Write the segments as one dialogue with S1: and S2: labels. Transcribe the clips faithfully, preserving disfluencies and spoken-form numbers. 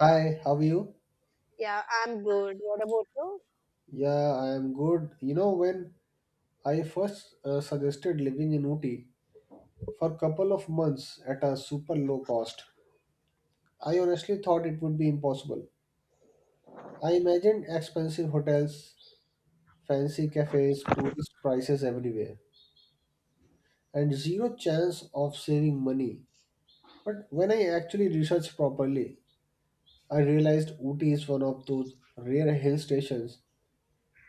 S1: Hi, how are you?
S2: Yeah, I'm good. What about you?
S1: Yeah, I am good. You know, when I first uh, suggested living in Ooty for a couple of months at a super low cost, I honestly thought it would be impossible. I imagined expensive hotels, fancy cafes, tourist prices everywhere, and zero chance of saving money. But when I actually researched properly, I realized Ooty is one of those rare hill stations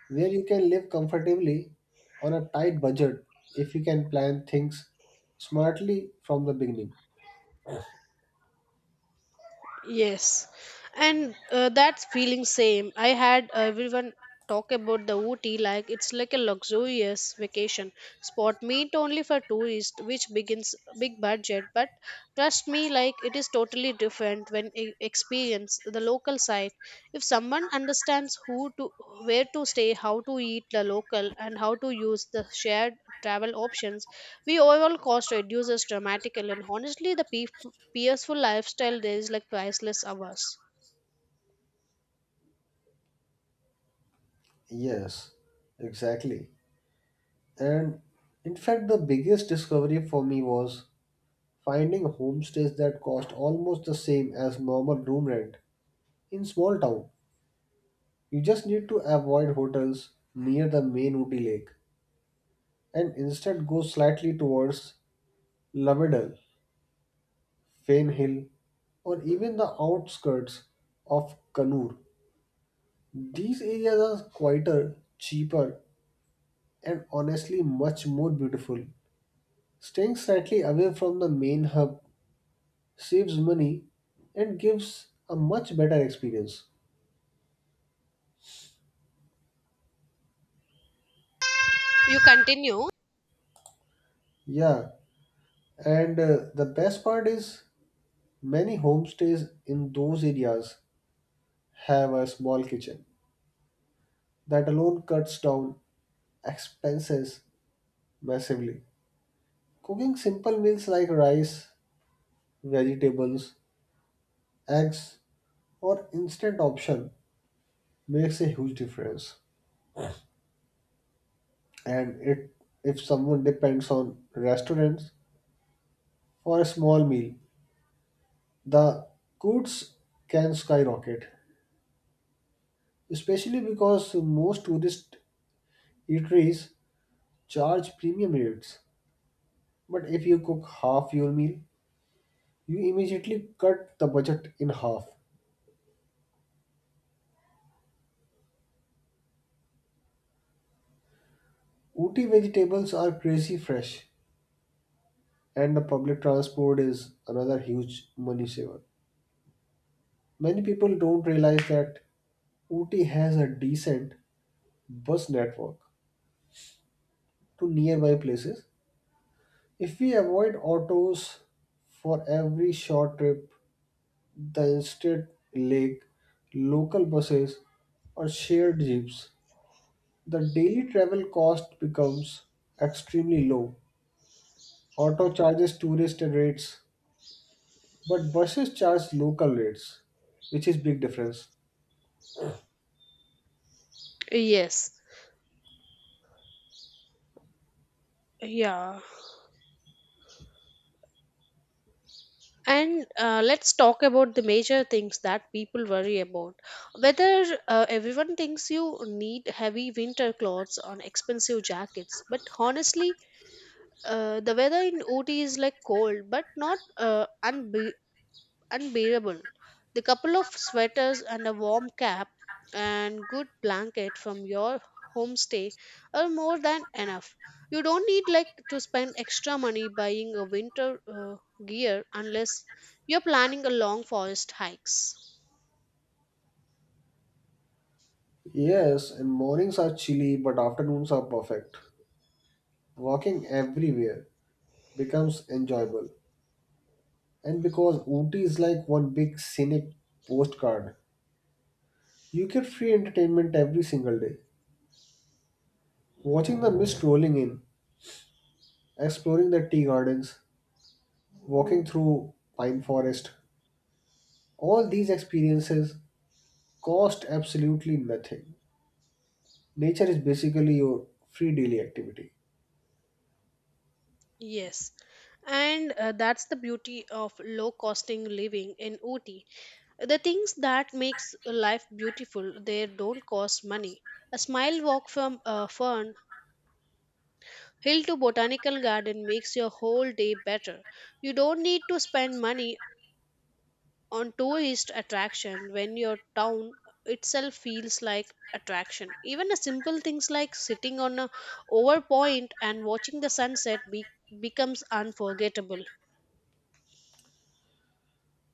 S1: where you can live comfortably on a tight budget if you can plan things smartly from the beginning.
S2: Yes, and uh, that feeling same. I had everyone talk about the Ooty like it's like a luxurious vacation spot meant only for tourists, which begins big budget. But trust me, like it is totally different when e- experience the local side. If someone understands who to where to stay, how to eat the local, and how to use the shared travel options, we overall cost reduces dramatically, and honestly, the pe- peaceful lifestyle there is like priceless hours.
S1: Yes, exactly. And in fact, the biggest discovery for me was finding homestays that cost almost the same as normal room rent in small town. You just need to avoid hotels near the main Ooty Lake and instead go slightly towards Lavadal, Fane Hill, or even the outskirts of Kannur. These areas are quieter, cheaper, and honestly much more beautiful. Staying slightly away from the main hub saves money and gives a much better experience.
S2: You continue.
S1: Yeah, and uh, the best part is many homestays in those areas have a small kitchen. That alone cuts down expenses massively. Cooking simple meals like rice, vegetables, eggs, or instant option makes a huge difference. And it, if someone depends on restaurants for a small meal, the costs can skyrocket, especially because most tourist eateries charge premium rates. But if you cook half your meal, you immediately cut the budget in half. Ooty vegetables are crazy fresh, and the public transport is another huge money saver. Many people don't realize that Ooty has a decent bus network to nearby places. If we avoid autos for every short trip, the instead lake, local buses, or shared jeeps, the daily travel cost becomes extremely low. Auto charges tourist rates, but buses charge local rates, which is big difference.
S2: Yes. Yeah. And uh, let's talk about the major things that people worry about. Whether uh, everyone thinks you need heavy winter clothes or expensive jackets, but honestly, uh, the weather in Ooty is like cold, but not uh, unbe unbearable. The couple of sweaters and a warm cap and good blanket from your homestay are more than enough. You don't need like to spend extra money buying a winter uh, gear unless you're planning a long forest hikes.
S1: Yes, and mornings are chilly, but afternoons are perfect. Walking everywhere becomes enjoyable. And because Ooty is like one big scenic postcard, you get free entertainment every single day. Watching the mist rolling in, exploring the tea gardens, walking through pine forest, all these experiences cost absolutely nothing. Nature is basically your free daily activity.
S2: Yes. And uh, that's the beauty of low costing living in Ooty. The things that makes life beautiful, they don't cost money. A smile walk from a fern Hill to Botanical Garden makes your whole day better. You don't need to spend money on tourist attraction when your town itself feels like attraction. Even a simple things like sitting on a over point and watching the sunset be- becomes unforgettable.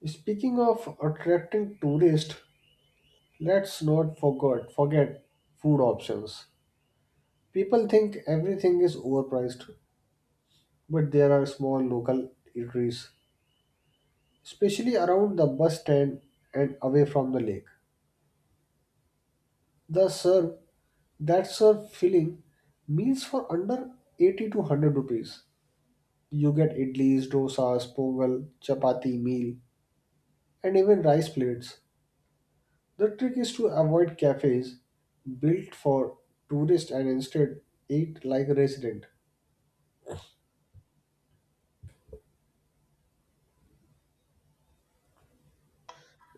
S1: Speaking of attracting tourists, let's not forget forget food options. People think everything is overpriced, but there are small local eateries especially around the bus stand and away from the lake. The serve That serve filling meals for under eighty to one hundred rupees. You get idlis, dosas, pongal, chapati meal, and even rice plates. The trick is to avoid cafes built for tourists and instead eat like a resident.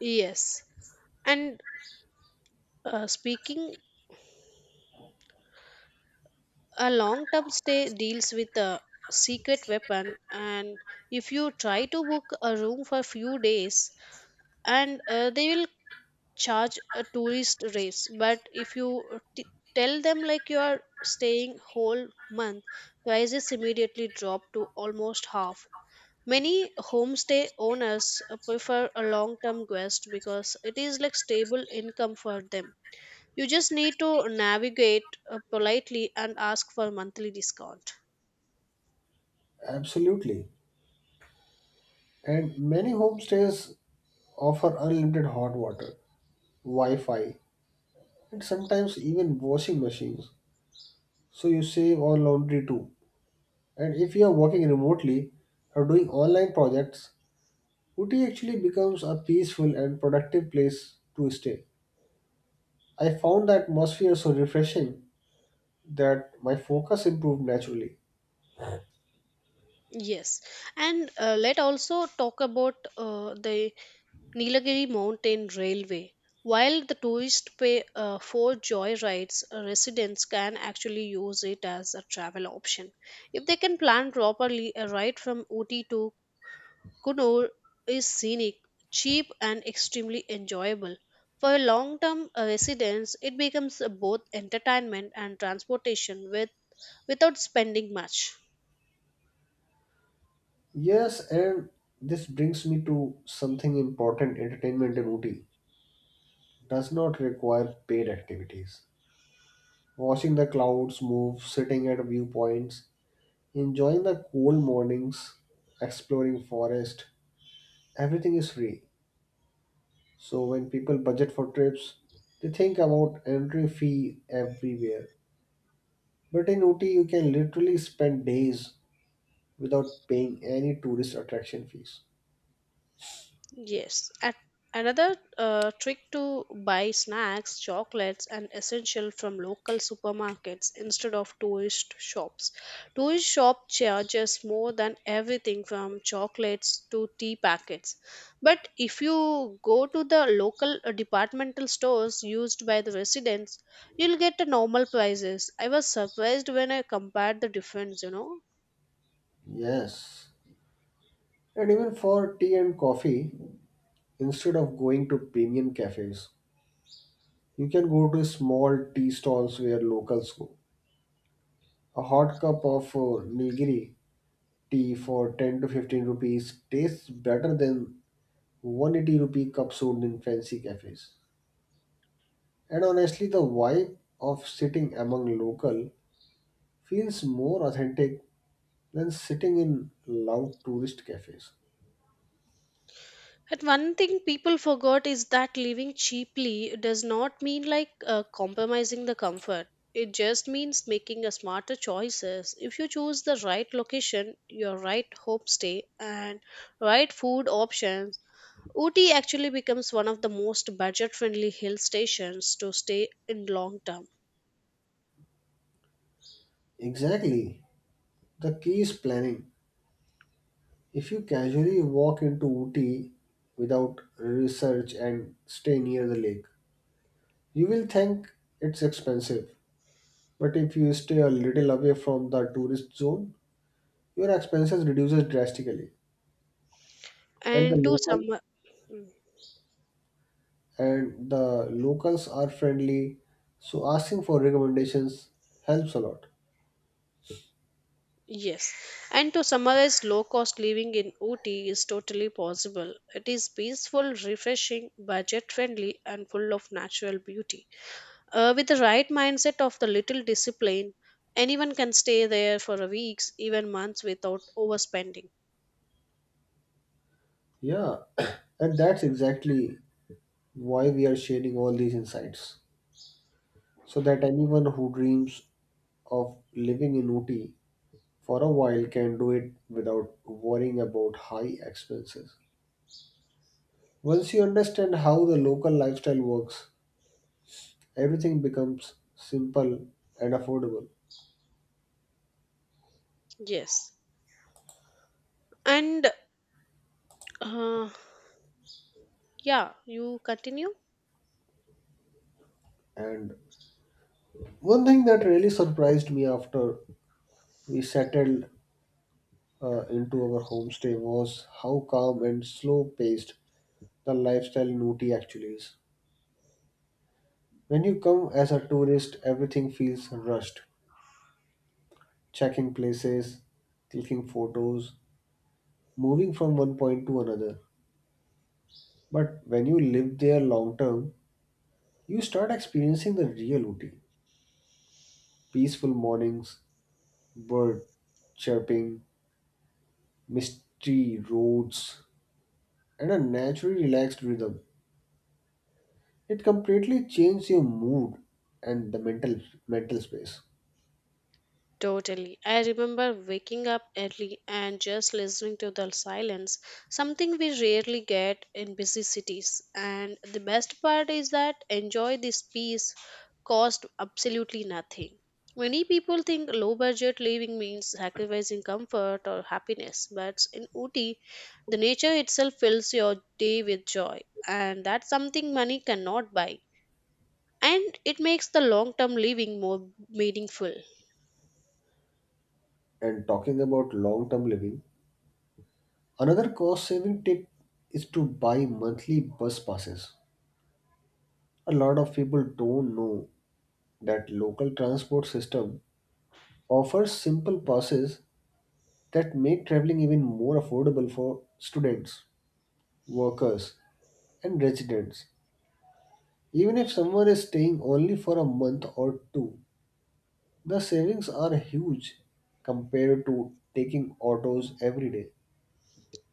S2: Yes. And uh, speaking a long term stay deals with a secret weapon, and if you try to book a room for few days and uh, they will charge a tourist rates, but if you uh, t- tell them like you are staying whole month, prices immediately drop to almost half. Many homestay owners uh, prefer a long term guest because it is like stable income for them. You just need to navigate uh, politely and ask for monthly discount.
S1: Absolutely. And many homestays offer unlimited hot water, Wi Fi, and sometimes even washing machines, so you save on laundry too. And if you are working remotely or doing online projects, Uti actually becomes a peaceful and productive place to stay. I found the atmosphere so refreshing that my focus improved naturally.
S2: Yes, and uh, let also talk about uh, the Nilagiri Mountain Railway. While the tourists pay uh, for joy rides, uh, residents can actually use it as a travel option. If they can plan properly, a ride from Ooty to Kunur is scenic, cheap, and extremely enjoyable. For long term residents, it becomes uh, both entertainment and transportation with, without spending much.
S1: Yes, and this brings me to something important: entertainment in Uti does not require paid activities. Watching the clouds move, sitting at viewpoints, enjoying the cool mornings, exploring forest, everything is free. So when people budget for trips, they think about entry fee everywhere. But in Ooty, you can literally spend days without paying any tourist attraction fees.
S2: Yes. At another uh, trick to buy snacks, chocolates, and essential from local supermarkets instead of tourist shops. Tourist shop charges more than everything from chocolates to tea packets. But if you go to the local uh, departmental stores used by the residents, you'll get the normal prices. I was surprised when I compared the difference, you know.
S1: Yes. And even for tea and coffee, instead of going to premium cafes, you can go to small tea stalls where locals go. A hot cup of uh, Nilgiri tea for ten to fifteen rupees tastes better than one hundred eighty rupee cup sold in fancy cafes. And honestly, the vibe of sitting among local feels more authentic than sitting in loud tourist cafes.
S2: But one thing people forgot is that living cheaply does not mean like uh, compromising the comfort. It just means making a smarter choices. If you choose the right location, your right homestay, and right food options, Ooty actually becomes one of the most budget-friendly hill stations to stay in long term.
S1: Exactly. The key is planning. If you casually walk into Ooty without research and stay near the lake, you will think it's expensive. But if you stay a little away from the tourist zone, your expenses reduces drastically and the
S2: And to
S1: local
S2: some.
S1: and the locals are friendly, so asking for recommendations helps a lot.
S2: Yes, and to summarize, low cost living in Ooty is totally possible. It is peaceful, refreshing, budget friendly, and full of natural beauty. Uh, with the right mindset of the little discipline, anyone can stay there for a weeks, even months without overspending.
S1: Yeah, and that's exactly why we are sharing all these insights so that anyone who dreams of living in Ooty for a while can do it without worrying about high expenses. Once you understand how the local lifestyle works, everything becomes simple and affordable.
S2: Yes, and uh, yeah, you continue.
S1: And one thing that really surprised me after we settled uh, into our homestay was how calm and slow paced the lifestyle in Ooty actually is. When you come as a tourist, everything feels rushed. Checking places, clicking photos, moving from one point to another. But when you live there long term, you start experiencing the real Ooty. Peaceful mornings, bird chirping, misty roads, and a naturally relaxed rhythm, it completely changes your mood and the mental mental space.
S2: Totally. I remember waking up early and just listening to the silence, something we rarely get in busy cities. And the best part is that enjoy this peace cost absolutely nothing. Many people think low budget living means sacrificing comfort or happiness, but in Ooty, the nature itself fills your day with joy, and that's something money cannot buy. And it makes the long term living more meaningful.
S1: And talking about long term living, another cost saving tip is to buy monthly bus passes. A lot of people don't know that local transport system offers simple passes that make traveling even more affordable for students, workers, and residents. Even if someone is staying only for a month or two, the savings are huge compared to taking autos every day.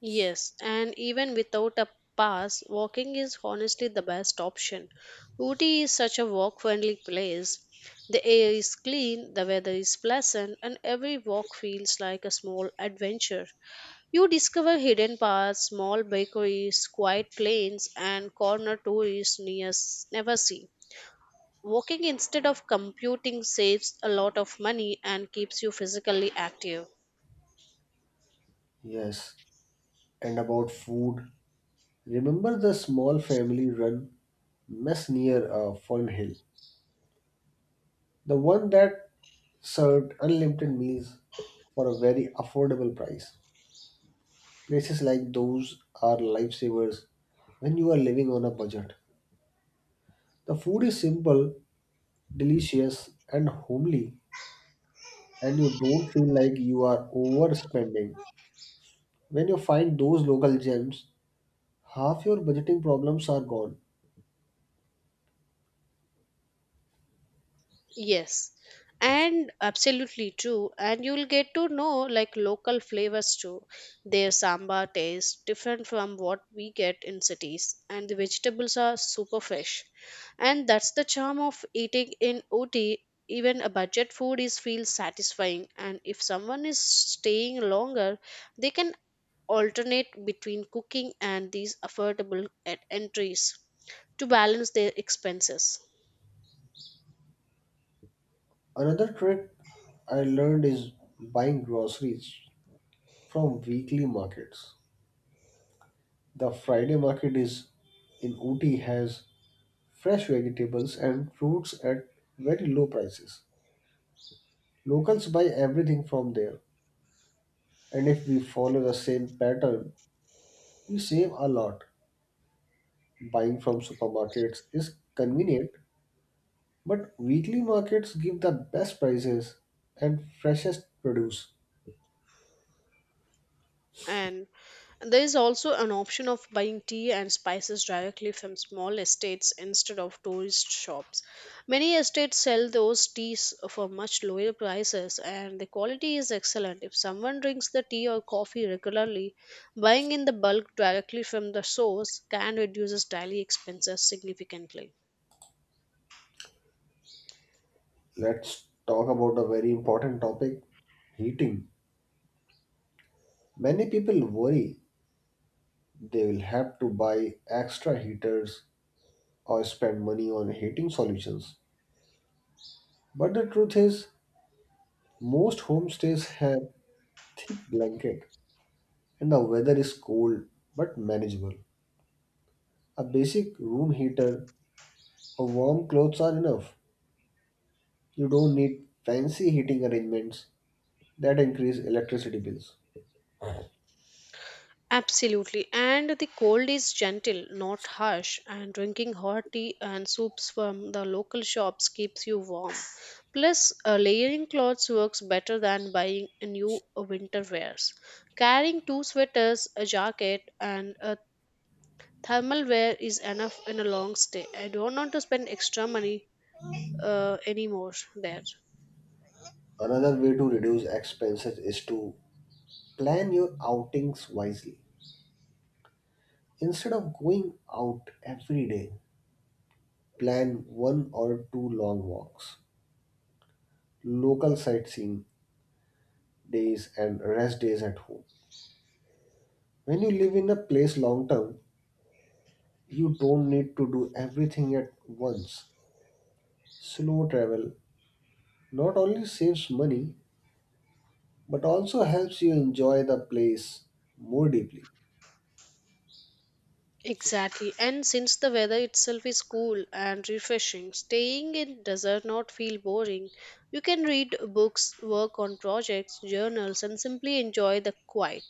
S2: Yes, and even without a pass, walking is honestly the best option. Ooty is such a walk friendly place. The air is clean, the weather is pleasant, and every walk feels like a small adventure. You discover hidden paths, small bakeries, quiet lanes, and corner tourists near never see. Walking instead of computing saves a lot of money and keeps you physically active.
S1: Yes, and about food. Remember the small family run mess near uh, Fern Hill? The one that served unlimited meals for a very affordable price. Places like those are lifesavers when you are living on a budget. The food is simple, delicious, and homely, and you don't feel like you are overspending. When you find those local gems, half your budgeting problems are gone.
S2: Yes, and absolutely true. And you'll get to know like local flavors too. Their sambar tastes different from what we get in cities, and the vegetables are super fresh. And that's the charm of eating in O T. Even a budget food is feels satisfying, and if someone is staying longer, they can alternate between cooking and these affordable at entries to balance their expenses.
S1: Another trick I learned is buying groceries from weekly markets. The Friday market is in Ooty has fresh vegetables and fruits at very low prices. Locals buy everything from there, and if we follow the same pattern, we save a lot. Buying from supermarkets is convenient, but weekly markets give the best prices and freshest produce.
S2: And there is also an option of buying tea and spices directly from small estates instead of tourist shops. Many estates sell those teas for much lower prices and the quality is excellent. If someone drinks the tea or coffee regularly, buying in the bulk directly from the source can reduce daily expenses significantly.
S1: Let's talk about a very important topic: heating. Many people worry they will have to buy extra heaters or spend money on heating solutions. But the truth is, most homestays have thick blanket and the weather is cold but manageable. A basic room heater or warm clothes are enough. You don't need fancy heating arrangements that increase electricity bills.
S2: Absolutely. And the cold is gentle, not harsh, and drinking hot tea and soups from the local shops keeps you warm. Plus, uh, layering clothes works better than buying a new uh, winter wears. Carrying two sweaters, a jacket, and a thermal wear is enough in a long stay. I don't want to spend extra money uh, anymore there.
S1: Another way to reduce expenses is to plan your outings wisely. Instead of going out every day, plan one or two long walks, local sightseeing days, and rest days at home. When you live in a place long term, you don't need to do everything at once. Slow travel not only saves money but also helps you enjoy the place more deeply.
S2: Exactly. And since the weather itself is cool and refreshing, staying in does not feel boring. You can read books, work on projects, journals, and simply enjoy the quiet.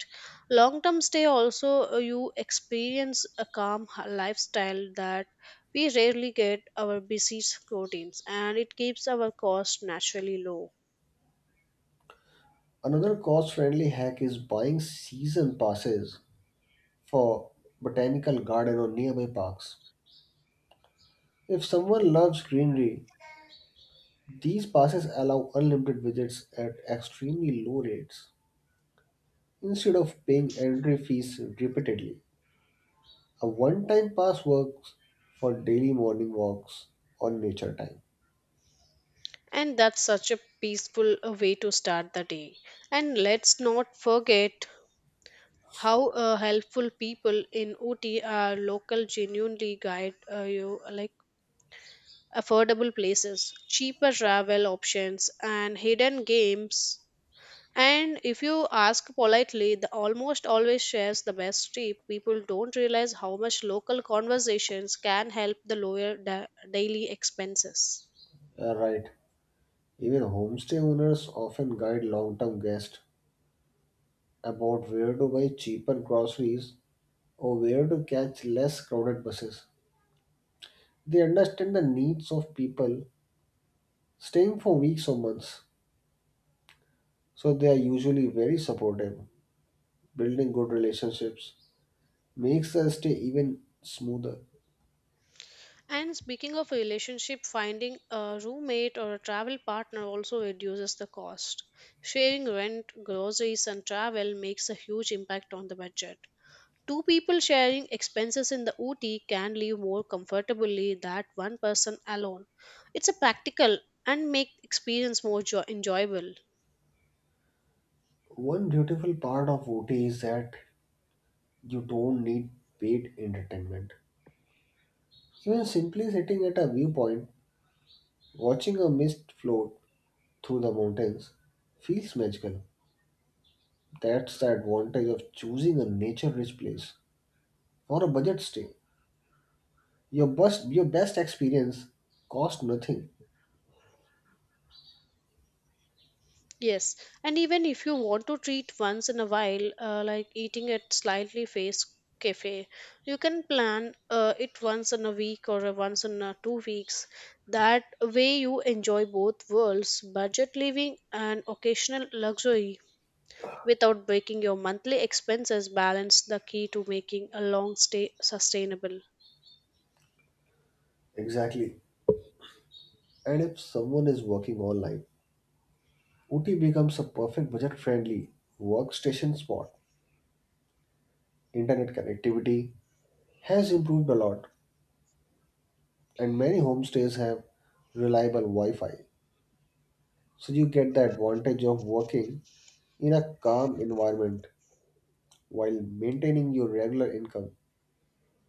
S2: Long term stay also, uh, you experience a calm h- lifestyle that we rarely get our busy routines, and it keeps our cost naturally low.
S1: Another cost friendly hack is buying season passes for botanical garden or nearby parks. If someone loves greenery, these passes allow unlimited visits at extremely low rates instead of paying entry fees repeatedly. A one time pass works for daily morning walks on nature time.
S2: And that's such a peaceful uh, way to start the day. And let's not forget how uh, helpful people in O T are local genuinely guide uh, you like affordable places, cheaper travel options, and hidden games. And if you ask politely, the almost always shares the best tip. People don't realize how much local conversations can help the lower da- daily expenses.
S1: Uh, right. Even homestay owners often guide long term guests about where to buy cheaper groceries or where to catch less crowded buses. They understand the needs of people staying for weeks or months, so they are usually very supportive. Building good relationships makes the stay even smoother.
S2: And speaking of a relationship, finding a roommate or a travel partner also reduces the cost. Sharing rent, groceries, and travel makes a huge impact on the budget. Two people sharing expenses in the O T can live more comfortably than one person alone. It's a practical and make experience more jo- enjoyable.
S1: One beautiful part of O T is that you don't need paid entertainment. Even simply sitting at a viewpoint, watching a mist float through the mountains, feels magical. That's the advantage of choosing a nature rich place for a budget stay. Your best your best experience cost nothing.
S2: Yes, and even if you want to treat once in a while, uh, like eating at slightly face cafe, you can plan uh, it once in a week or uh, once in uh, two weeks. That way, you enjoy both worlds, budget living and occasional luxury, without breaking your monthly expenses. Balance the key to making a long stay sustainable.
S1: Exactly. And if someone is working online, O T becomes a perfect budget friendly workstation spot. Internet connectivity has improved a lot, and many homestays have reliable Wi Fi. So you get the advantage of working in a calm environment while maintaining your regular income.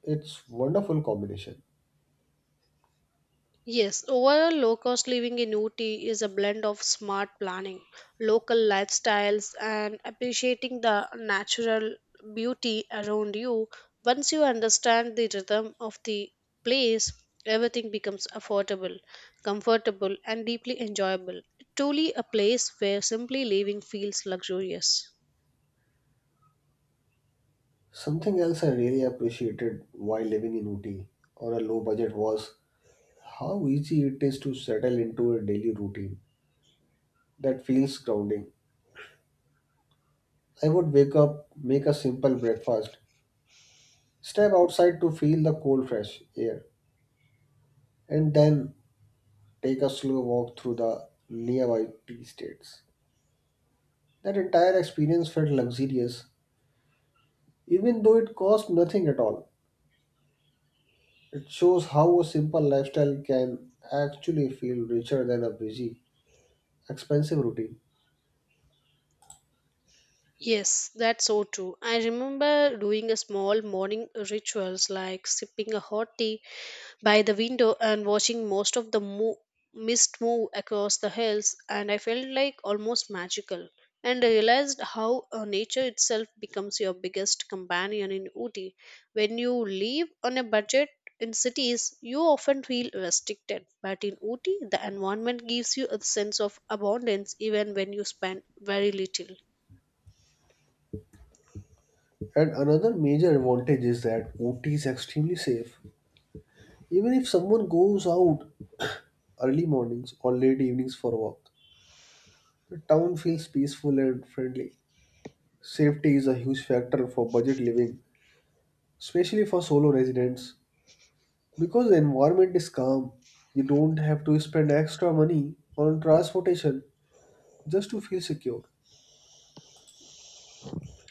S1: It's wonderful combination.
S2: Yes, overall low cost living in Ooty is a blend of smart planning, local lifestyles, and appreciating the natural beauty around you. Once you understand the rhythm of the place, everything becomes affordable, comfortable, and deeply enjoyable. Truly a place where simply living feels luxurious.
S1: Something else I really appreciated while living in Ooty on a low budget was how easy it is to settle into a daily routine that feels grounding. I would wake up, make a simple breakfast, step outside to feel the cold, fresh air, and then take a slow walk through the nearby tea estates. That entire experience felt luxurious, even though it cost nothing at all. It shows how a simple lifestyle can actually feel richer than a busy, expensive routine.
S2: Yes, that's so true. I remember doing a small morning rituals like sipping a hot tea by the window and watching most of the mo- mist move across the hills, and I felt like almost magical. And I realized how uh, nature itself becomes your biggest companion in Ooty. When you live on a budget in cities, you often feel restricted, but in Ooty, the environment gives you a sense of abundance even when you spend very little.
S1: And another major advantage is that O T is extremely safe. Even if someone goes out early mornings or late evenings for a walk, the town feels peaceful and friendly. Safety is a huge factor for budget living, especially for solo residents. Because the environment is calm, you don't have to spend extra money on transportation just to feel secure.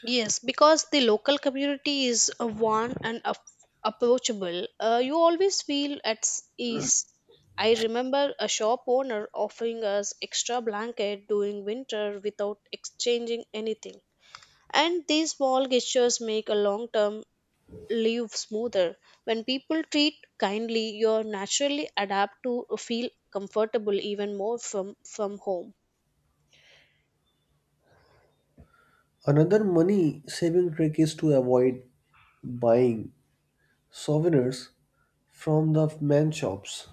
S2: Yes, because the local community is uh, warm and ap- approachable, uh, you always feel at s- ease. I remember a shop owner offering us extra blanket during winter without exchanging anything. And these small gestures make a long term live smoother. When people treat kindly, you naturally adapt to feel comfortable even more from, from home.
S1: Another money saving trick is to avoid buying souvenirs from the man shops.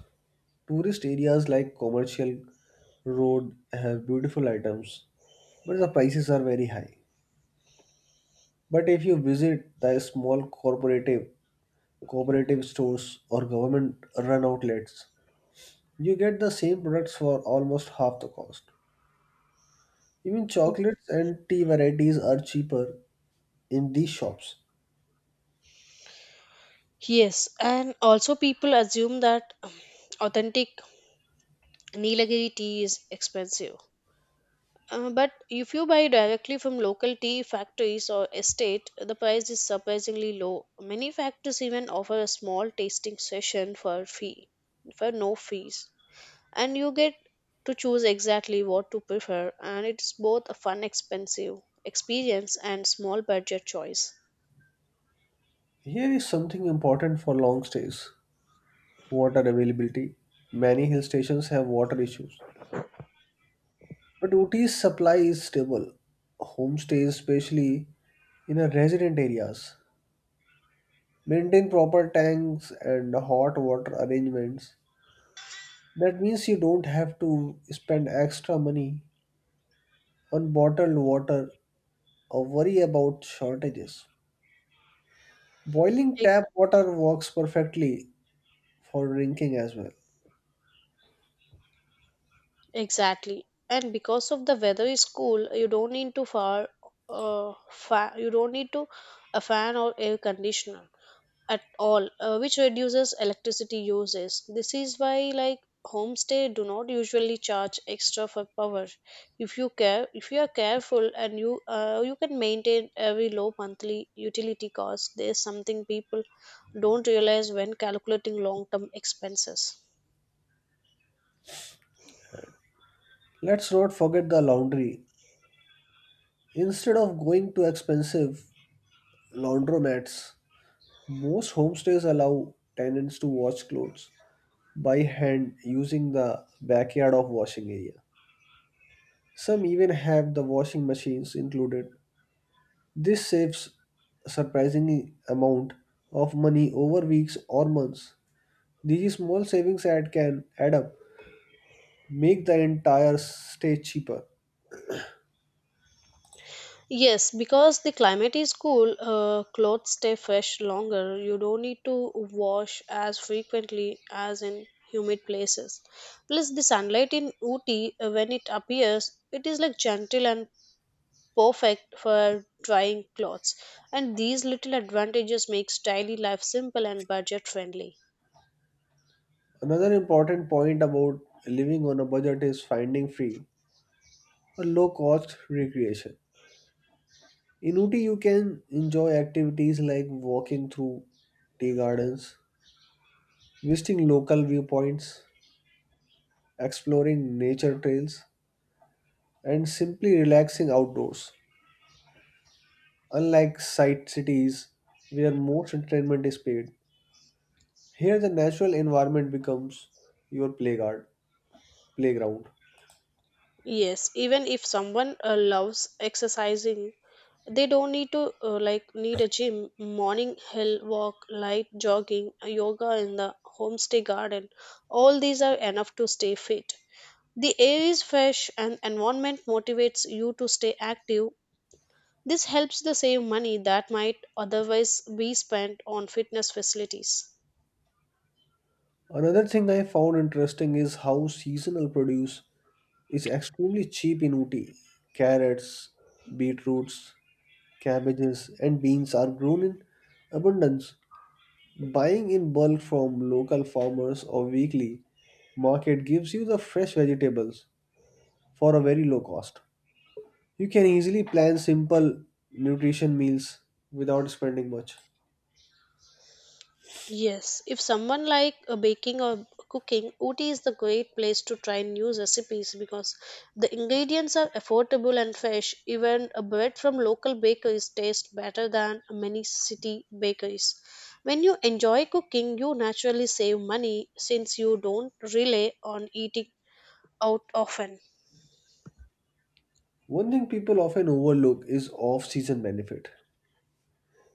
S1: Tourist areas like Commercial Road have beautiful items, but the prices are very high. But if you visit the small corporative cooperative stores or government run outlets, you get the same products for almost half the cost. Even chocolates and tea varieties are cheaper in these shops.
S2: Yes, and also people assume that um, authentic Nilagiri tea is expensive. Uh, but if you buy directly from local tea factories or estate, the price is surprisingly low. Many factories even offer a small tasting session for fee, for no fees, and you get to choose exactly what to prefer. And it's both a fun, expensive experience and small budget choice.
S1: Here is something important for long stays: water availability. Many hill stations have water issues, but O T's supply is stable. Homestays, especially in a resident areas, maintain proper tanks and hot water arrangements. That means you don't have to spend extra money on bottled water or worry about shortages. Boiling
S2: Like,
S1: tap water works perfectly for drinking as well.
S2: exactly. And because of the weather is cool, you don't need to far uh, fa- you don't need to a fan or air conditioner at all, uh, which reduces electricity uses. This is why like homestay do not usually charge extra for power. If you care, if you are careful and you uh, you can maintain every low monthly utility cost. There's something people don't realize when calculating long term expenses.
S1: Let's not forget the laundry. Instead of going to expensive laundromats, most homestays allow tenants to wash clothes by hand using the backyard of washing area. Some even have the washing machines included. This saves a surprising amount of money over weeks or months. These small savings add can add up, make the entire stay cheaper.
S2: Yes, because the climate is cool, uh, clothes stay fresh longer. You don't need to wash as frequently as in humid places. Plus, the sunlight in Ooty, uh, when it appears, it is like gentle and perfect for drying clothes. And these little advantages makes daily life simple and budget friendly.
S1: Another important point about living on a budget is finding free or low cost recreation. In Uti, you can enjoy activities like walking through tea gardens, visiting local viewpoints, exploring nature trails, and simply relaxing outdoors. Unlike site cities where most entertainment is paid, here the natural environment becomes your playground. Playground.
S2: Yes, even if someone uh, loves exercising, they don't need to uh, like need a gym. Morning hill walk, light jogging, yoga in the homestay garden. All these are enough to stay fit. The air is fresh and environment motivates you to stay active. This helps the save money that might otherwise be spent on fitness facilities.
S1: Another thing I found interesting is how seasonal produce is extremely cheap in Ooty. Carrots, beetroots, cabbages, and beans are grown in abundance. Buying in bulk from local farmers or weekly market gives you the fresh vegetables for a very low cost. You can easily plan simple nutrition meals without spending much.
S2: Yes, if someone like uh, baking or cooking, Ooty is the great place to try new recipes because the ingredients are affordable and fresh. Even a bread from local bakeries tastes better than many city bakeries. When you enjoy cooking, you naturally save money since you don't rely on eating out often.
S1: One thing people often overlook is off season benefit.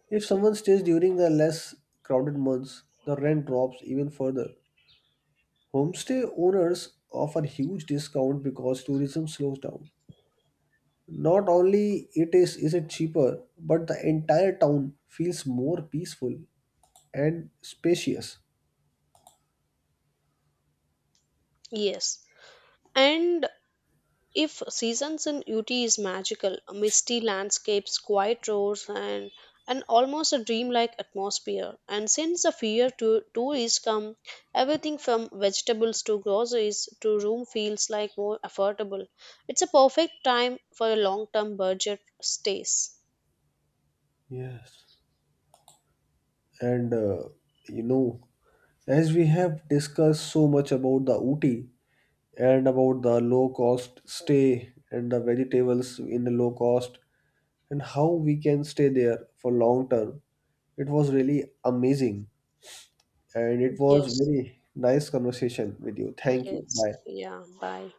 S1: If someone stays during the less crowded months, the rent drops even further. Homestay owners offer huge discount because tourism slows down. Not only it is is it cheaper, but the entire town feels more peaceful and spacious.
S2: Yes. And if seasons in Uti is magical, misty landscapes, quiet roads, and and almost a dreamlike atmosphere. And since the fear to tourists come, everything from vegetables to groceries to room feels like more affordable. It's a perfect time for a long-term budget stays.
S1: Yes. And uh, you know, as we have discussed so much about the Ooty and about the low cost stay and the vegetables in the low cost and how we can stay there for long term, it was really amazing and it was
S2: Yes,
S1: very nice conversation with you. Thank you.
S2: yes,
S1: Bye.
S2: yeah. Bye.